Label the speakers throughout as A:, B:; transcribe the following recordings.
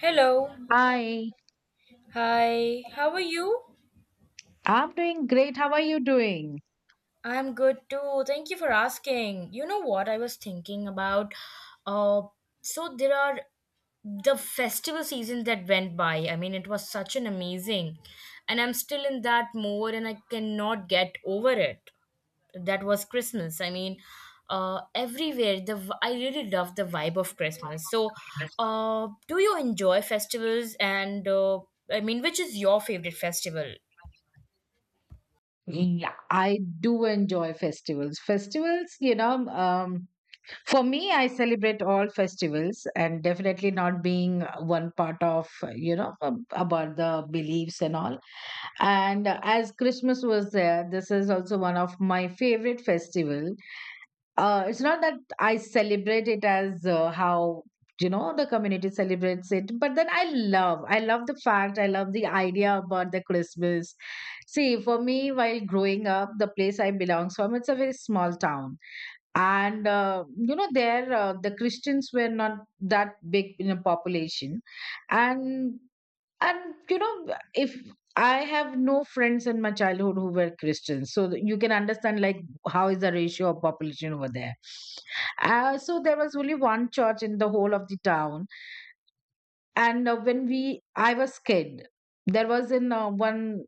A: Hello.
B: Hi,
A: Hi. How are you?
B: I'm doing great. How are you doing?
A: I'm good too. Thank you for asking. You know what I was thinking about? Uh, so there are the festival season that went by. I mean. It was such an amazing, and I'm still in that mood, and I cannot get over it. That was Christmas. I mean, everywhere I really love the vibe of Christmas. So, do you enjoy festivals? And I mean, which is your favorite festival?
B: Yeah, I do enjoy festivals. Festivals, you know, for me, I celebrate all festivals and definitely not being one part of, you know, about the beliefs and all. And As Christmas was there, this is also one of my favorite festival. It's not that I celebrate it as how you know the community celebrates it, but then I love the fact, I love the idea about the Christmas. See, for me, while growing up, the place I belong from, it's a very small town, and you know there the Christians were not that big in a population, and you know if I have no friends in my childhood who were Christians, so you can understand like how is the ratio of population over there. So there was only one church in the whole of the town. And When we I was kid, there was in one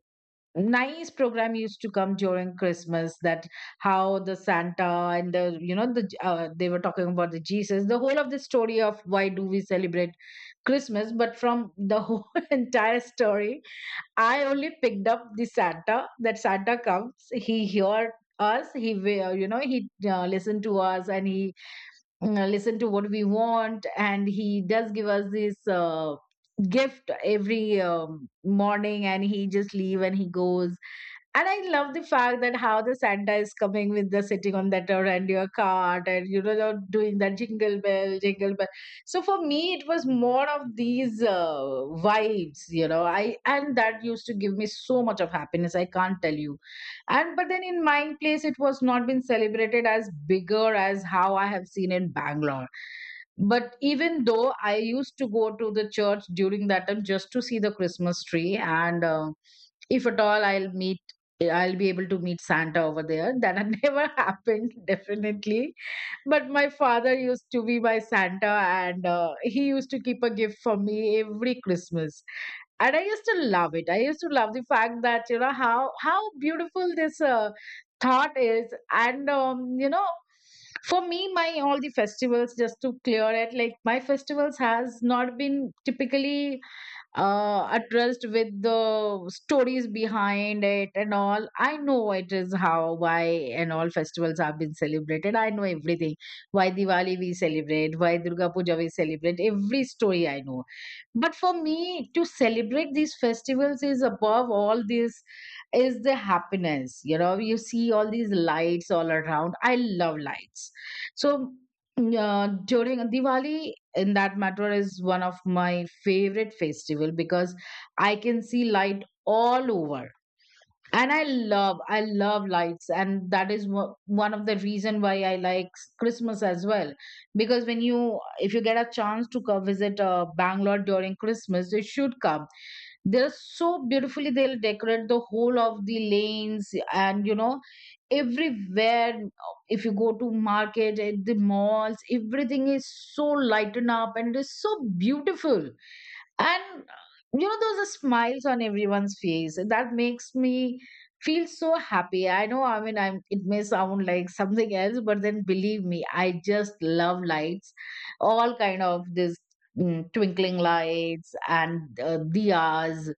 B: nice program used to come during Christmas, that how the Santa and they were talking about the Jesus, the whole of the story of why do we celebrate Christmas. But from the whole entire story, I only picked up the Santa. That Santa comes, he heard us, you know he listened to us, and he listened to what we want, and he does give us this gift every morning, and he just leave and he goes. And I love the fact that how the Santa is coming with the sitting on that reindeer cart, and you know they're doing that jingle bell, jingle bell. So for me, it was more of these vibes, you know. I and that used to give me so much of happiness. I can't tell you. And but then in my place, it was not been celebrated as bigger as how I have seen in Bangalore. But even though I used to go to the church during that time just to see the Christmas tree and. If at all I'll be able to meet Santa over there. That had never happened, definitely. But my father used to be my Santa, and he used to keep a gift for me every Christmas. And I used to love it. I used to love the fact that, you know, how beautiful this thought is. And, you know, for me, my all the festivals, just to clear it, like my festivals has not been typically addressed with the stories behind it and all. I know it is how, why, and all festivals have been celebrated. I know everything. Why Diwali we celebrate, why Durga Puja we celebrate. Every story I know, but for me to celebrate these festivals is above all this, is the happiness. You know, you see all these lights all around. I love lights. So during Diwali, in that matter, is one of my favorite festival because I can see light all over. And I love, I love lights, and that is one of the reason why I like Christmas as well. Because when you if you get a chance to come visit Bangalore during Christmas, you should come. They're so beautifully they'll decorate the whole of the lanes, and you know, everywhere, if you go to market, at the malls, everything is so lightened up, and it is so beautiful. And you know, those are smiles on everyone's face that makes me feel so happy. I know, I mean, I'm, it may sound like something else, but then believe me, I just love lights, all kind of this twinkling lights and diyas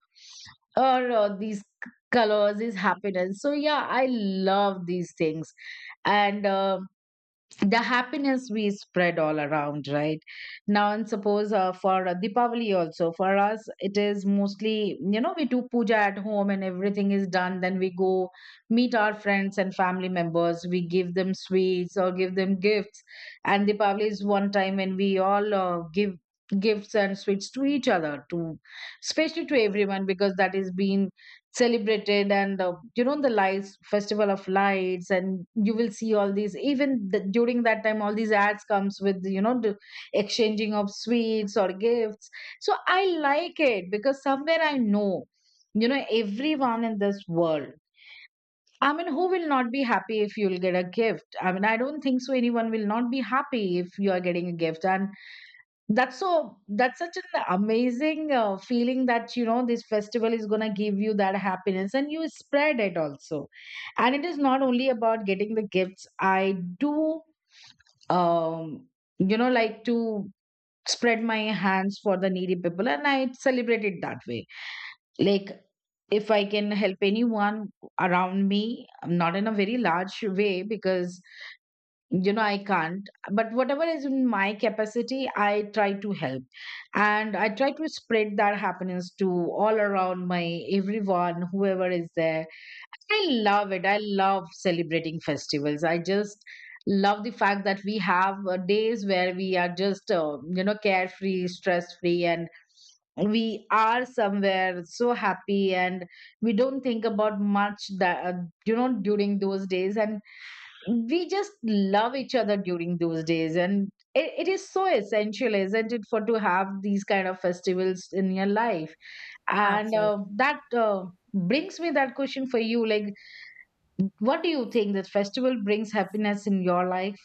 B: or these colors, this happiness. So yeah, I love these things. And The happiness we spread all around, right now. And suppose for Deepavali also, for us, it is mostly, you know, we do puja at home and everything is done, then we go meet our friends and family members, we give them sweets or give them gifts. And Deepavali is one time when we all give gifts and sweets to each other, to especially to everyone, because that is being celebrated. And You know, the lights, festival of lights, and you will see all these, even during that time, all these ads comes with you know the exchanging of sweets or gifts. So I like it, because somewhere I know, you know, everyone in this world, I mean, who will not be happy if you'll get a gift. I mean, I don't think so anyone will not be happy if you are getting a gift. And that's so, that's such an amazing feeling that you know this festival is going to give you that happiness and you spread it also. And it is not only about getting the gifts. I do, um, you know, like to spread my hands for the needy people, and I celebrate it that way. Like, if I can help anyone around me, not in a very large way, because you know I can't, but whatever is in my capacity, I try to help. And I try to spread that happiness to all around, my everyone whoever is there. I love it, I love celebrating festivals. I just love the fact that we have days where we are just you know carefree, stress free, and we are somewhere so happy, and we don't think about much, that you know, during those days, and we just love each other during those days. And it is so essential, isn't it, for to have these kind of festivals in your life. And
A: Absolutely.
B: that Brings me that question for you, like, what do you think, that festival brings happiness in your life?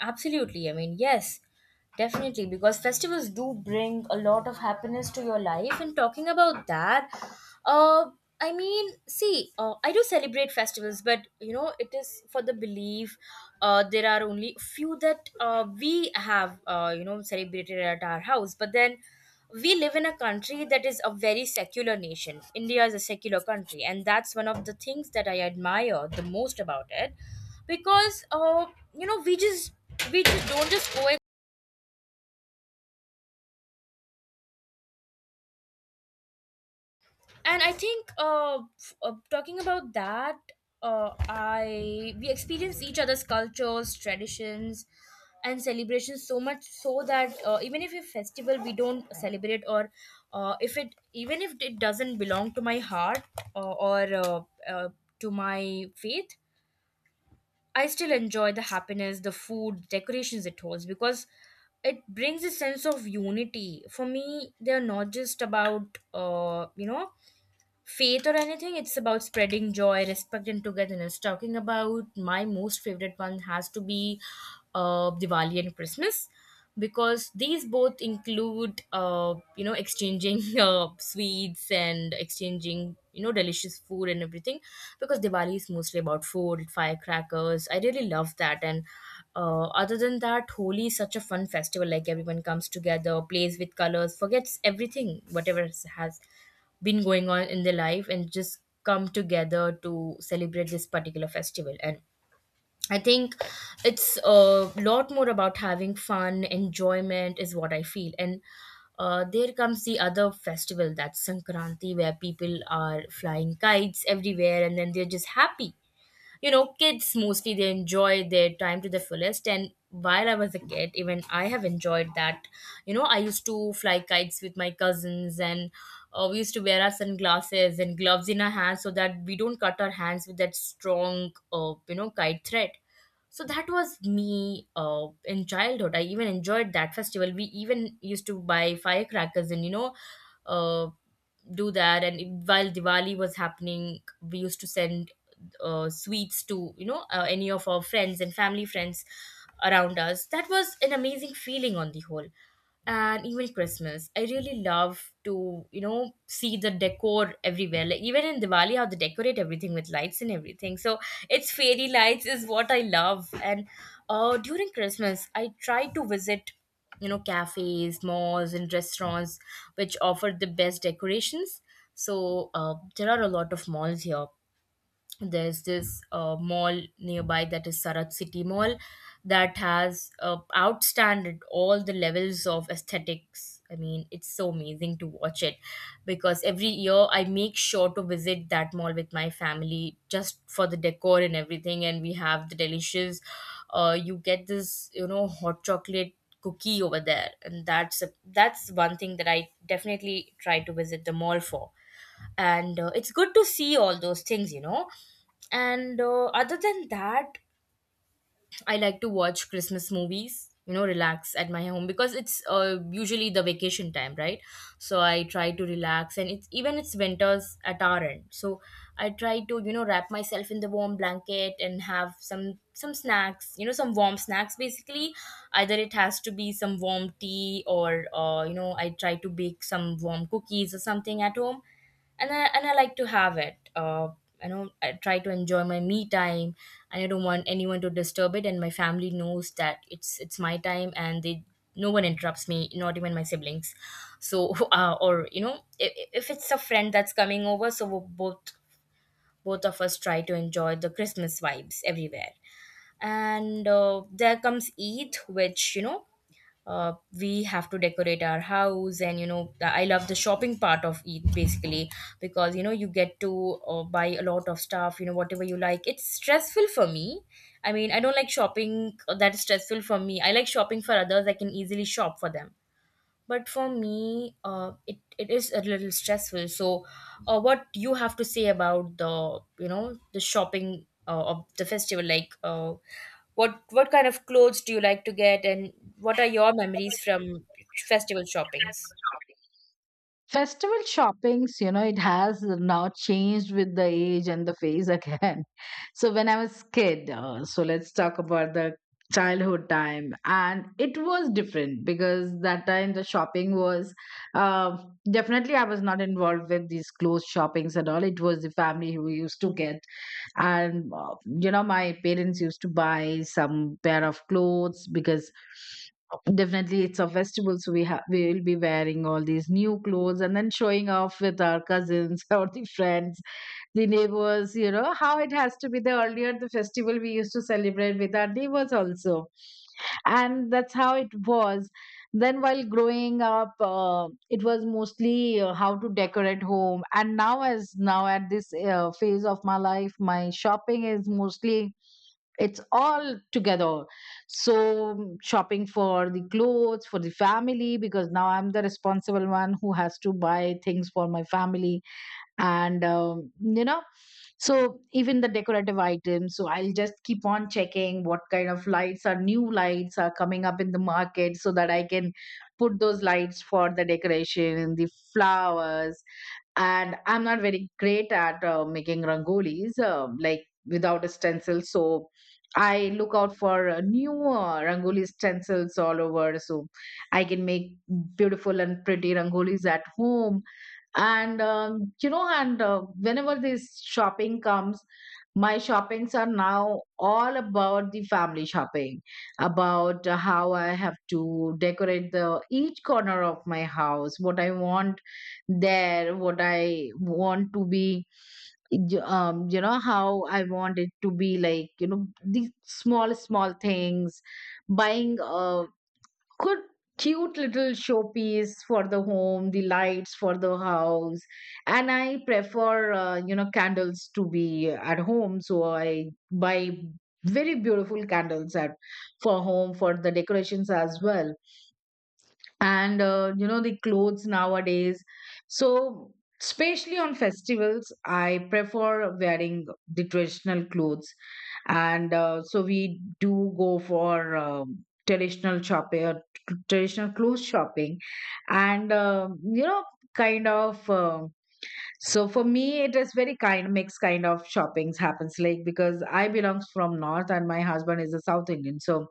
A: Absolutely. I mean, yes, definitely, because festivals do bring a lot of happiness to your life. And talking about that, uh, I mean, see, I do celebrate festivals, but you know, it is for the belief. There are only few that we have, you know, celebrated at our house. But then we live in a country that is a very secular nation. India is a secular country, and that's one of the things that I admire the most about it, because you know, we just don't just go. And I think talking about that, I we experience each other's cultures, traditions, and celebrations so much so that even if a festival we don't celebrate, or if it even if it doesn't belong to my heart or uh, to my faith, I still enjoy the happiness, the food, decorations it holds, because it brings a sense of unity for me. They are not just about you know, faith or anything. It's about spreading joy, respect, and togetherness. Talking about my most favorite one has to be Diwali and Christmas, because these both include you know, exchanging sweets and exchanging, you know, delicious food and everything, because Diwali is mostly about food, firecrackers. I really love that. And other than that, Holi is such a fun festival, like everyone comes together, plays with colors, forgets everything whatever has been going on in their life, and just come together to celebrate this particular festival. And I think it's a lot more about having fun, enjoyment is what I feel. And there comes the other festival, that's Sankranti, where people are flying kites everywhere, and then they're just happy. You know, kids mostly, they enjoy their time to the fullest, and while I was a kid, even I have enjoyed that. You know, I used to fly kites with my cousins. And we used to wear our sunglasses and gloves in our hands, so that we don't cut our hands with that strong, you know, kite thread. So that was me in childhood. I even enjoyed that festival. We even used to buy firecrackers, and you know, uh, do that. And while Diwali was happening, we used to send sweets to, you know, any of our friends and family friends around us. That was an amazing feeling on the whole. And even Christmas, I really love to, you know, see the decor everywhere, like even in Diwali, how they decorate everything with lights and everything. So it's fairy lights is what I love. And during Christmas, I try to visit, you know, cafes, malls, and restaurants which offer the best decorations. So there are a lot of malls here. There's this mall nearby that is Sarat City Mall, that has outstanded all the levels of aesthetics. I mean, it's so amazing to watch it, because every year I make sure to visit that mall with my family just for the decor and everything. And we have the delicious, you get this, you know, hot chocolate cookie over there, and that's one thing that I definitely try to visit the mall for. And it's good to see all those things, you know. And other than that, I like to watch Christmas movies, you know, relax at my home, because it's usually the vacation time, right? So I try to relax. And it's even, it's winters at our end, so I try to, you know, wrap myself in the warm blanket and have some snacks, you know, some warm snacks basically. Either it has to be some warm tea, or you know, I try to bake some warm cookies or something at home, and I like to have it. I try to enjoy my me time, and I don't want anyone to disturb it. And my family knows that it's my time, and they, no one interrupts me, not even my siblings. So, Or you know, if it's a friend that's coming over, so we'll both both of us try to enjoy the Christmas vibes everywhere. And there comes Eid, which you know, uh, we have to decorate our house, and you know I love the shopping part of it basically, because you know, you get to buy a lot of stuff, you know, whatever you like. It's stressful for me. I mean, I don't like shopping, that is stressful for me. I like shopping for others, I can easily shop for them. But for me, it is a little stressful. So what you have to say about the, you know, the shopping of the festival? Like what kind of clothes do you like to get, and what are your memories from festival shoppings?
B: Festival shoppings, you know, it has now changed with the age and the phase again. So when I was kid, so let's talk about the childhood time, and it was different because that time the shopping was uh, definitely I was not involved with these clothes shoppings at all. It was the family who used to get, and you know, my parents used to buy some pair of clothes because. Definitely, it's a festival, so we will be wearing all these new clothes and then showing off with our cousins or the friends, the neighbors, you know, how it has to be. The earlier, the festival we used to celebrate with our neighbors also. And that's how it was. Then, while growing up, it was mostly how to decorate home. And now, as now at this phase of my life, my shopping is mostly, it's all together. So shopping for the clothes for the family, because now I'm the responsible one who has to buy things for my family. And you know, so even the decorative items, so I'll just keep on checking what kind of lights are, new lights are coming up in the market, so that I can put those lights for the decoration, and the flowers. And I'm not very great at making rangolis, um, like without a stencil, so I look out for new rangoli stencils all over, so I can make beautiful and pretty rangolis at home. And you know, and whenever this shopping comes, my shoppings are now all about the family shopping, about how I have to decorate the each corner of my house, what I want there, what I want to be, you know, how I want it to be, like, you know, these small small things, buying good cute little showpiece for the home, the lights for the house. And I prefer you know candles to be at home, so I buy very beautiful candles at, for home, for the decorations as well. And You know, the clothes nowadays, so especially on festivals, I prefer wearing the traditional clothes. And So we do go for traditional shopping, traditional clothes shopping. And um, you know, kind of, um, so for me it is very kind mixed kind of shoppings happens, like because I belongs from north and my husband is a south Indian, so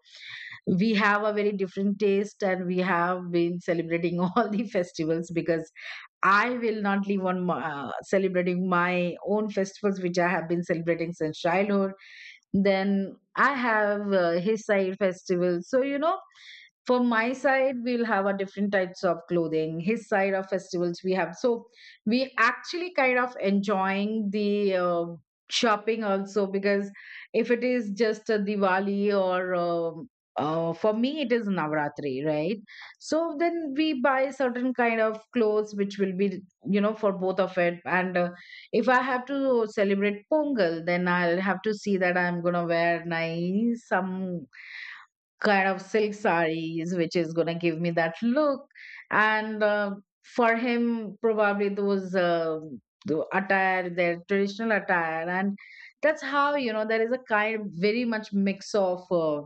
B: we have a very different taste, and we have been celebrating all the festivals. Because I will not leave on celebrating my own festivals which I have been celebrating since childhood, then I have his side festival. So you know, from my side, we'll have our different types of clothing. His side of festivals we have. So we actually kind of enjoying the shopping also, because if it is just a Diwali or for me, it is Navratri, right? So then we buy certain kind of clothes which will be, you know, for both of it. And If I have to celebrate Pongal, then I'll have to see that I'm gonna wear nice some kind of silk sarees, which is going to give me that look. And For him, probably those the attire, their traditional attire. And that's how, you know, there is a kind very much mix of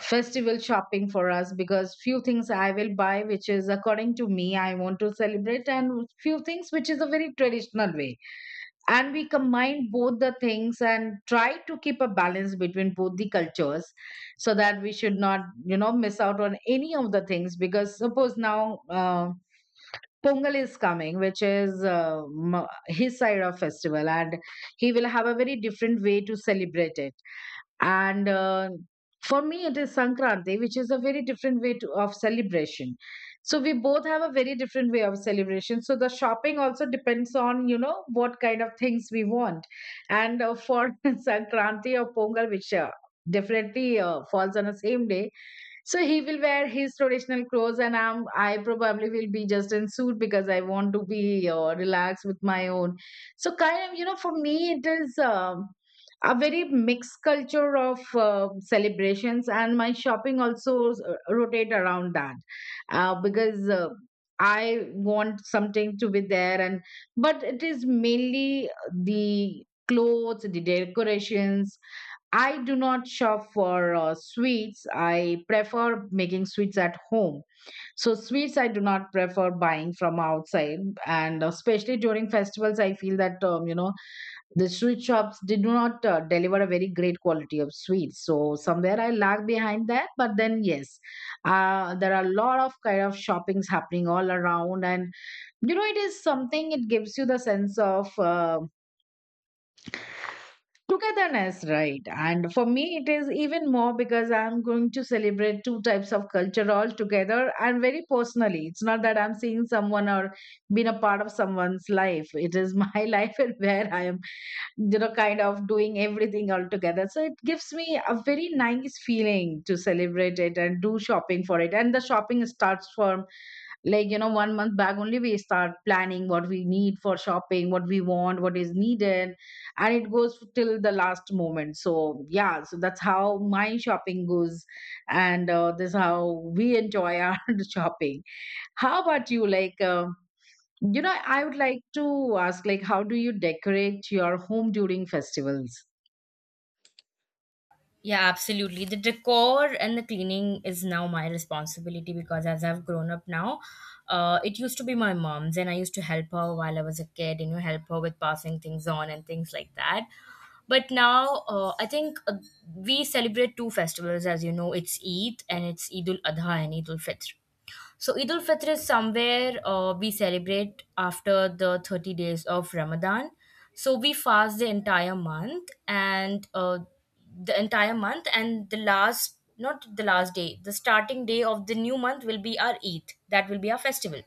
B: festival shopping for us, because few things I will buy, which is according to me, I want to celebrate, and few things which is a very traditional way, and we combine both the things and try to keep a balance between both the cultures, so that we should not, you know, miss out on any of the things. Because suppose now, Pongal is coming, which is his side of festival, and he will have a very different way to celebrate it. And For me, it is Sankranti, which is a very different way to, of celebration. So we both have a very different way of celebration, so the shopping also depends on, you know, what kind of things we want. And For Sankranti or Pongal, which definitely falls on the same day. So he will wear his traditional clothes, and I probably will be just in suit because I want to be relaxed with my own. So kind of, you know, for me, it is a very mixed culture of celebrations, and my shopping also rotate around that, because. I want something to be there, and but it is mainly the clothes, the decorations. I do not shop for sweets. I prefer making sweets at home. So, sweets I do not prefer buying from outside. And especially during festivals, I feel that, you know, the sweet shops did not deliver a very great quality of sweets. So, somewhere I lag behind that. But then, yes, there are a lot of kind of shoppings happening all around. And, you know, it is something, it gives you the sense of togetherness right. And for me, it is even more because I'm going to celebrate two types of culture all together and very personally. It's not that I'm seeing someone or being a part of someone's life. It is my life and where I am, you know, kind of doing everything all together. So it gives me a very nice feeling to celebrate it and do shopping for it. And the shopping starts from, like, you know, one month back only. We start planning what we need for shopping, what we want, what is needed, and it goes till the last moment. So yeah, so that's how my shopping goes. And This is how we enjoy our shopping. How about you? You know, I would like to ask, like, how do you decorate your home during festivals?
A: Yeah, absolutely. The decor and the cleaning is now my responsibility, because as I've grown up now, it used to be my mom's, and I used to help her while I was a kid, and you know, help her with passing things on and things like that. But now, I think we celebrate two festivals, as you know, it's Eid, and it's Eid ul Adha and Eid ul Fitr. So Eid al Fitr is somewhere we celebrate after the 30 days of Ramadan. So we fast the entire month, and the last, not the last day, the starting day of the new month will be our Eid, that will be our festival.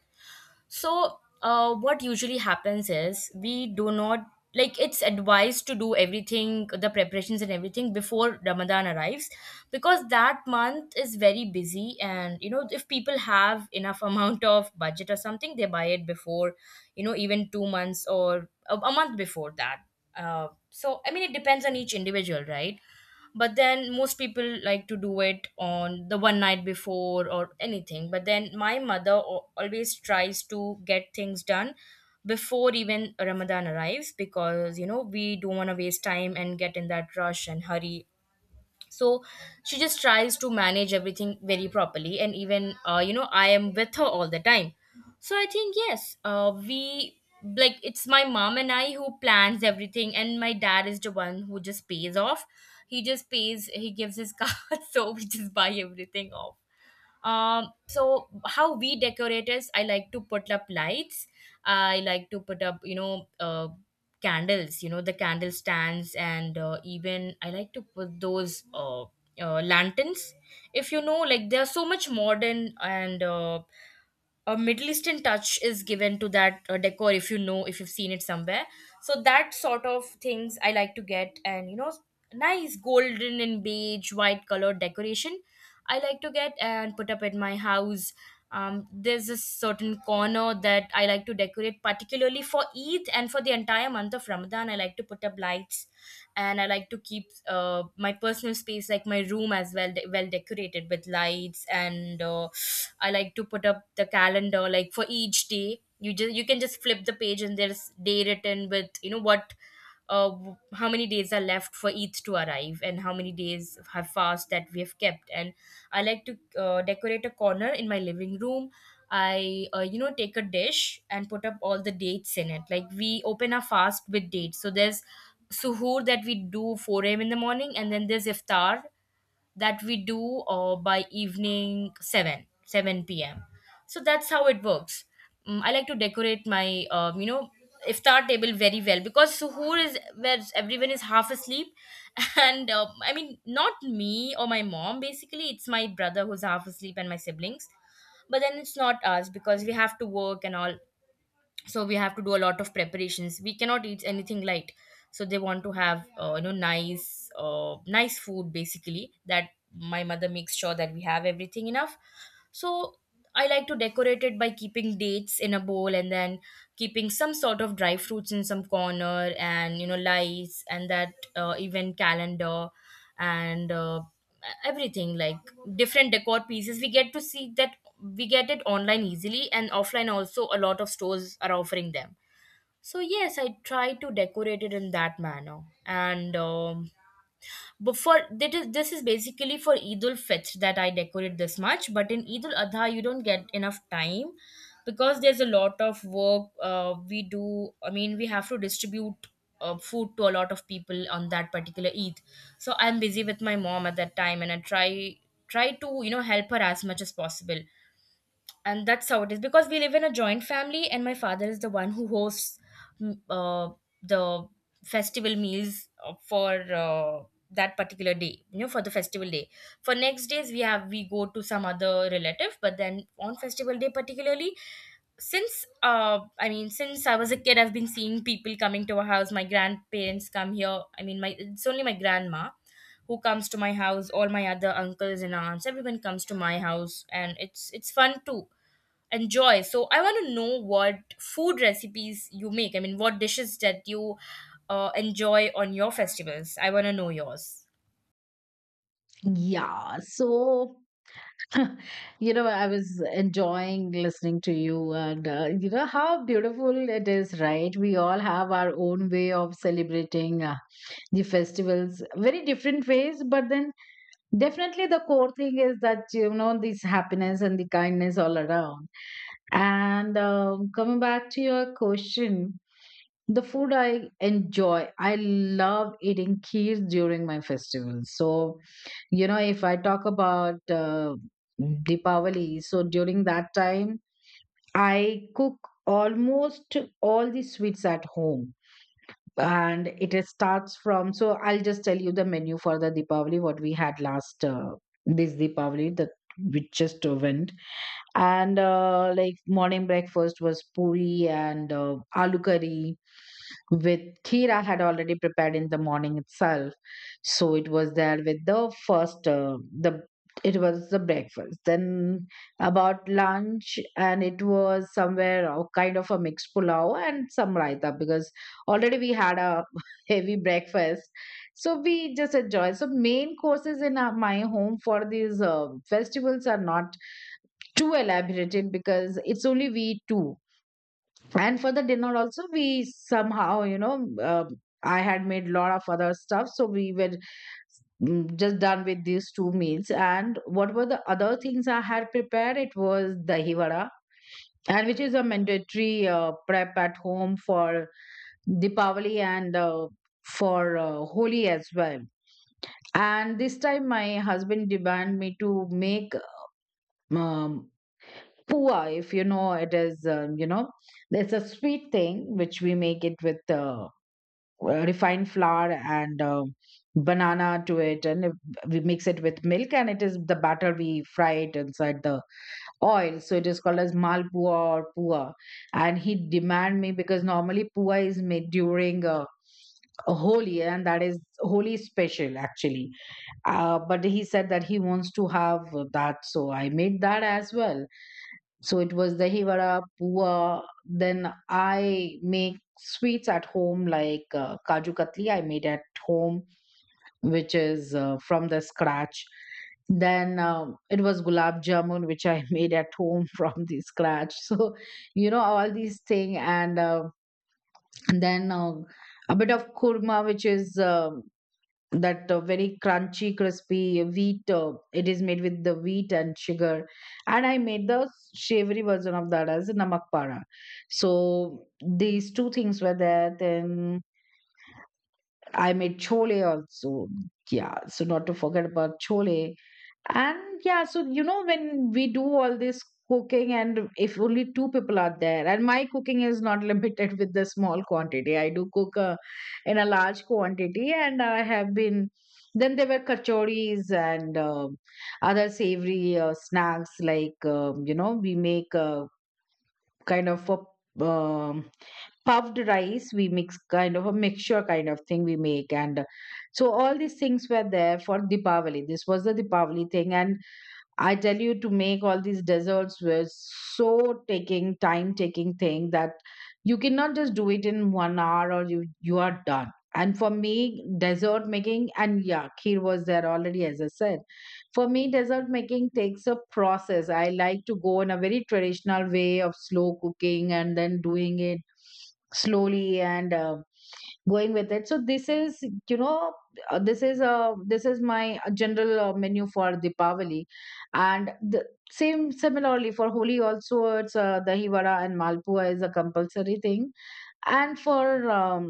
A: So, what usually happens is we do not, like, it's advised to do everything, the preparations and everything, before Ramadan arrives, because that month is very busy. And you know, if people have enough amount of budget or something, they buy it before, you know, even 2 months or a month before that. So, I mean, it depends on each individual, right? But then most people like to do it on the one night before or anything. But then my mother always tries to get things done before even Ramadan arrives, because you know, we don't want to waste time and get in that rush and hurry. So she just tries to manage everything very properly. And even, you know, I am with her all the time. So I think, yes, we like it's my mom and I who plans everything, and my dad is the one who just pays off. He just pays he gives his card, so we just buy everything off. Um, so how we decorate is, I like to put up lights, I like to put up, you know, candles, you know, the candle stands. And even I like to put those lanterns, if you know, like they are so much modern. And a Middle Eastern touch is given to that decor, if you know, if you've seen it somewhere. So that sort of things I like to get. And you know, nice golden and beige white colored decoration I like to get and put up at my house. Um, there's a certain corner that I like to decorate particularly for Eid, and for the entire month of Ramadan I like to put up lights. And I like to keep my personal space, like my room as well, well decorated with lights. And I like to put up the calendar, like for each day. You just, you can just flip the page, and there's day written with, you know, what how many days are left for Eid to arrive, and how many days have fast that we have kept. And I like to decorate a corner in my living room. I, you know, take a dish and put up all the dates in it. Like we open our fast with dates. So there's suhoor that we do 4 a.m. In the morning, and then there's iftar that we do by evening 7 p.m. So that's how it works. Mm, I like to decorate my iftar table very well, because suhoor is where everyone is half asleep. And not me or my mom, basically it's my brother who's half asleep, and my siblings. But then it's not us because we have to work and all, so we have to do a lot of preparations. We cannot eat anything light, so they want to have nice nice food basically, that my mother makes sure that we have everything enough. So I like to decorate it by keeping dates in a bowl, and then keeping some sort of dry fruits in some corner, and you know, lights and that event calendar, and everything, like different decor pieces we get to see. That we get it online easily, and offline also a lot of stores are offering them. So yes, I try to decorate it in that manner. And but for that is, this is basically for eid ul fitr that I decorate this much, but in eid ul adha you don't get enough time, because there's a lot of work we do. I mean, we have to distribute food to a lot of people on that particular eid. So I'm busy with my mom at that time, and I try, try to, you know, help her as much as possible. And that's how it is, because we live in a joint family and my father is the one who hosts mm, uh, the festival meals, for that particular day, you know, for the festival day. For next days we have, we go to some other relative, but then on festival day particularly, since since I was a kid, I've been seeing people coming to our house. My grandparents come here, I mean my, it's only my grandma who comes to my house. All my other uncles and aunts, everyone comes to my house, and it's fun too, enjoy. So I want to know what food recipes you make. I mean, what dishes that you enjoy on your festivals. I want to know yours.
B: Yeah, so you know, I was enjoying listening to you, and you know how beautiful it is, right? We all have our own way of celebrating the festivals, very different ways, but then definitely the core thing is that, you know, this happiness and the kindness all around. And Coming back to your question, the food I enjoy, I love eating kheer during my festivals. So, you know, if I talk about Deepavali, so during that time, I cook almost all the sweets at home. And starts from, so I'll just tell you the menu for the Deepavali, what we had last, this Deepavali that we just went. And Like morning breakfast was puri and aloo curry with kira had already prepared in the morning itself. So it was there with the first the it was the breakfast. Then about lunch, and it was somewhere a kind of a mixed pulao and some raita, because already we had a heavy breakfast. So we just enjoy. So main courses in my home for these festivals are not too elaborated because it's only we two. And for the dinner also, we somehow, you know, I had made lot of other stuff, so we were just done with these two meals. And what were the other things I had prepared, it was dahi vada, and which is a mandatory prep at home for Deepavali and for Holi as well. And this time, my husband demanded me to make um, pua. If you know, it is you know, it's a sweet thing which we make it with refined flour and banana to it, and we mix it with milk, and it is the batter, we fry it inside the oil, so it is called as malpua or pua. And he demand me because normally pua is made during a Holi, and that is Holi special actually. But he said that he wants to have that, so I made that as well. So it was dahi vada, puwa. Then I make sweets at home like kaju katli. I made at home, which is from the scratch. Then it was gulab jamun, which I made at home from the scratch. So you know all these things, and then a bit of kurma, which is that very crunchy crispy wheat, it is made with the wheat and sugar. And I made the savory version of that as namak para. So these two things were there. Then I made chole also. Yeah, so not to forget about chole. And yeah, so you know, when we do all this cooking, and if only two people are there, and my cooking is not limited with the small quantity, I do cook in a large quantity, and I have been. Then there were kachoris and other savory snacks, like you know, we make a kind of a puffed rice, we mix kind of a mixture kind of thing we make. And so all these things were there for Deepavali. This was the Deepavali thing. And I tell you, to make all these desserts was so taking time, taking thing that you cannot just do it in one hour or you are done. And for me, dessert making, and yeah, kheer was there already, as I said. For me, dessert making takes a process. I like to go in a very traditional way of slow cooking and then doing it slowly, and going with it. So this is, you know, this is my general menu for Deepavali. And the same, similarly for Holi also, it's dahi vada and malpua is a compulsory thing. And for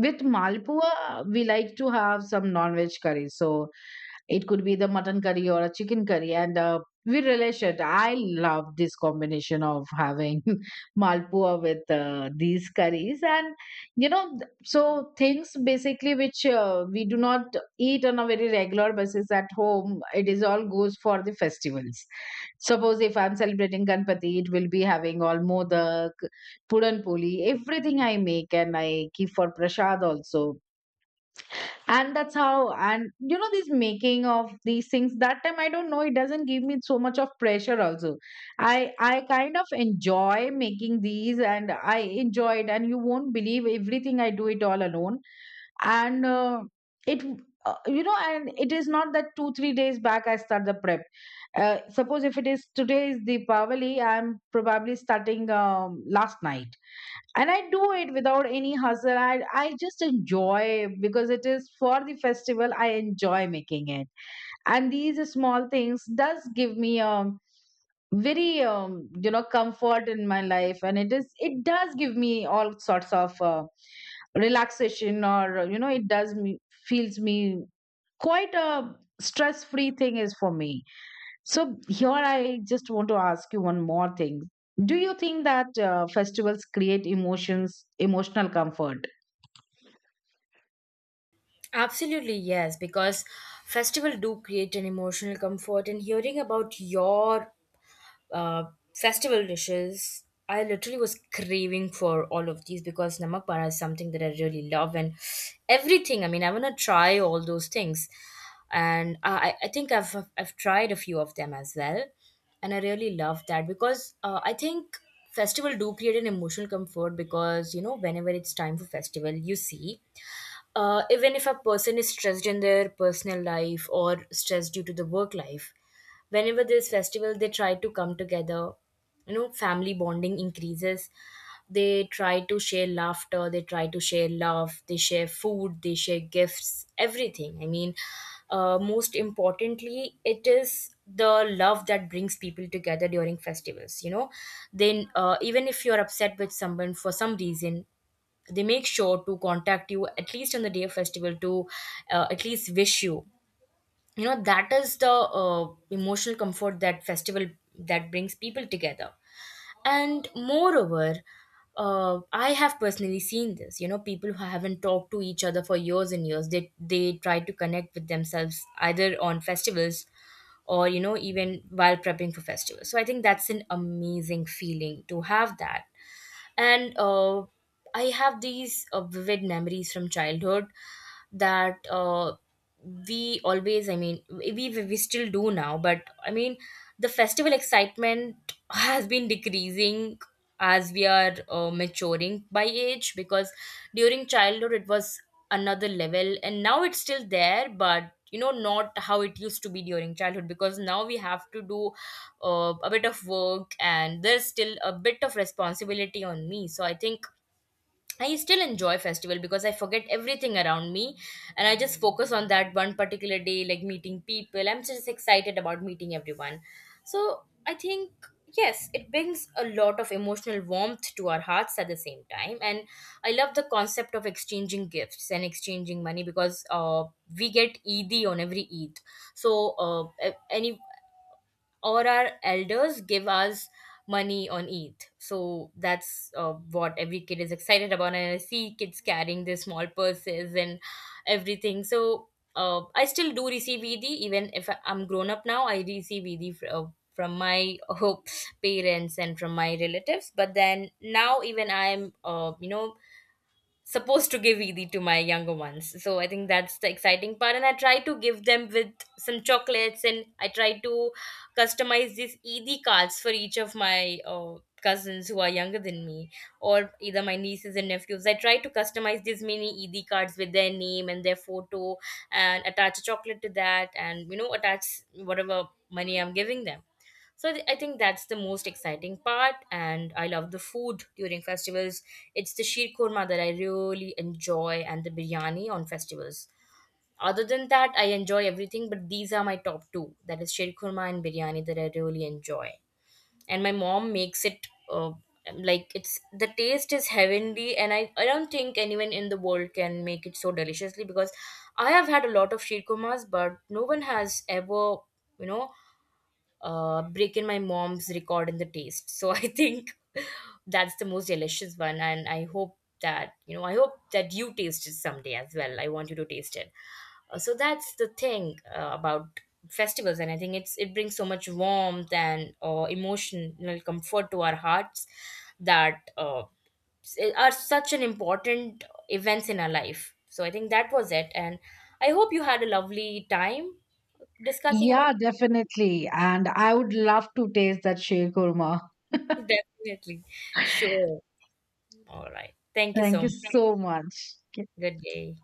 B: with malpua, we like to have some non veg curry. So it could be the mutton curry or a chicken curry, and we relish it. I love this combination of having malpua with these curries. And you know, so things basically which we do not eat on a very regular basis at home, it is all goes for the festivals. Suppose if I'm celebrating Ganpati, it will be having all modak, puran poli, everything I make, and I keep for prasad also. And that's how, and you know, this making of these things, that time I don't know, it doesn't give me so much of pressure also. I kind of enjoy making these, and I enjoy it, and you won't believe, everything I do it all alone. And it You know, and it is not that two three days back I start the prep. Suppose if it is today is the Deepavali, I'm probably starting last night. And I do it without any hustle. I just enjoy because it is for the festival, I enjoy making it. And these small things does give me very you know, comfort in my life. And it is, it does give me all sorts of relaxation, or you know, it does me feels me quite a stress free thing, is for me. So here I just want to ask you one more thing. Do you think that festivals create emotions, emotional comfort?
A: Absolutely, yes, because festival do create an emotional comfort, and hearing about your uh, festival dishes, I literally was craving for all of these, because namak para is something that I really love, and everything. I mean, I want to try all those things, and I think I've tried a few of them as well, and I really love that, because I think festival do create an emotional comfort, because you know, whenever it's time for festival, you see even if a person is stressed in their personal life, or stressed due to the work life, whenever there's festival, they try to come together. You know, family bonding increases. They try to share laughter, they try to share love, they share food, they share gifts, everything. I mean, most importantly, it is the love that brings people together during festivals, you know. Then even if you're upset with someone for some reason, they make sure to contact you at least on the day of festival to, at least wish you, you know. That is the emotional comfort that festival, that brings people together. And moreover, I have personally seen this, you know, people who haven't talked to each other for years and years, they try to connect with themselves either on festivals, or you know, even while prepping for festivals. So I think that's an amazing feeling to have that. And I have these vivid memories from childhood, that we always, I mean we still do now, but I mean the festival excitement has been decreasing as we are maturing by age. Because during childhood it was another level, and now it's still there, but you know, not how it used to be during childhood, because now we have to do a bit of work, and there's still a bit of responsibility on me. So I think I still enjoy festival because I forget everything around me, and I just focus on that one particular day, like meeting people. I'm just excited about meeting everyone. So I think, yes, it brings a lot of emotional warmth to our hearts at the same time. And I love the concept of exchanging gifts and exchanging money, because we get Eid on every Eid. So any or our elders give us money on ETH. So that's what every kid is excited about. And I see kids carrying their small purses and everything. So I still do receive ED, even if I'm grown up now, I receive ED from my parents and from my relatives. But then now, even I'm, supposed to give Eid to my younger ones. So I think that's the exciting part. And I try to give them with some chocolates, and I try to customize these Eid cards for each of my cousins who are younger than me, or either my nieces and nephews. I try to customize these mini Eid cards with their name and their photo, and attach a chocolate to that, and you know, attach whatever money I'm giving them. So I think that's the most exciting part, and I love the food during festivals. It's the sheer korma that I really enjoy, and the biryani on festivals. Other than that, I enjoy everything, but these are my top two. That is sheer korma and biryani that I really enjoy. And my mom makes it like, it's, the taste is heavenly, and I don't think anyone in the world can make it so deliciously, because I have had a lot of sheer kormas, but no one has ever, you know, break in my mom's record in the taste. So I think that's the most delicious one, and I hope that, you know, I hope that you taste it someday as well. I want you to taste it. So that's the thing about festivals, and I think it's, it brings so much warmth and emotional comfort to our hearts, that are such an important events in our life. So I think that was it, and I hope you had a lovely time discussing about.
B: Yeah, definitely. And I would love to taste that sheer kurma.
A: Definitely. Sure. All right. Thank you so
B: Thank you
A: much.
B: so much.
A: Good day.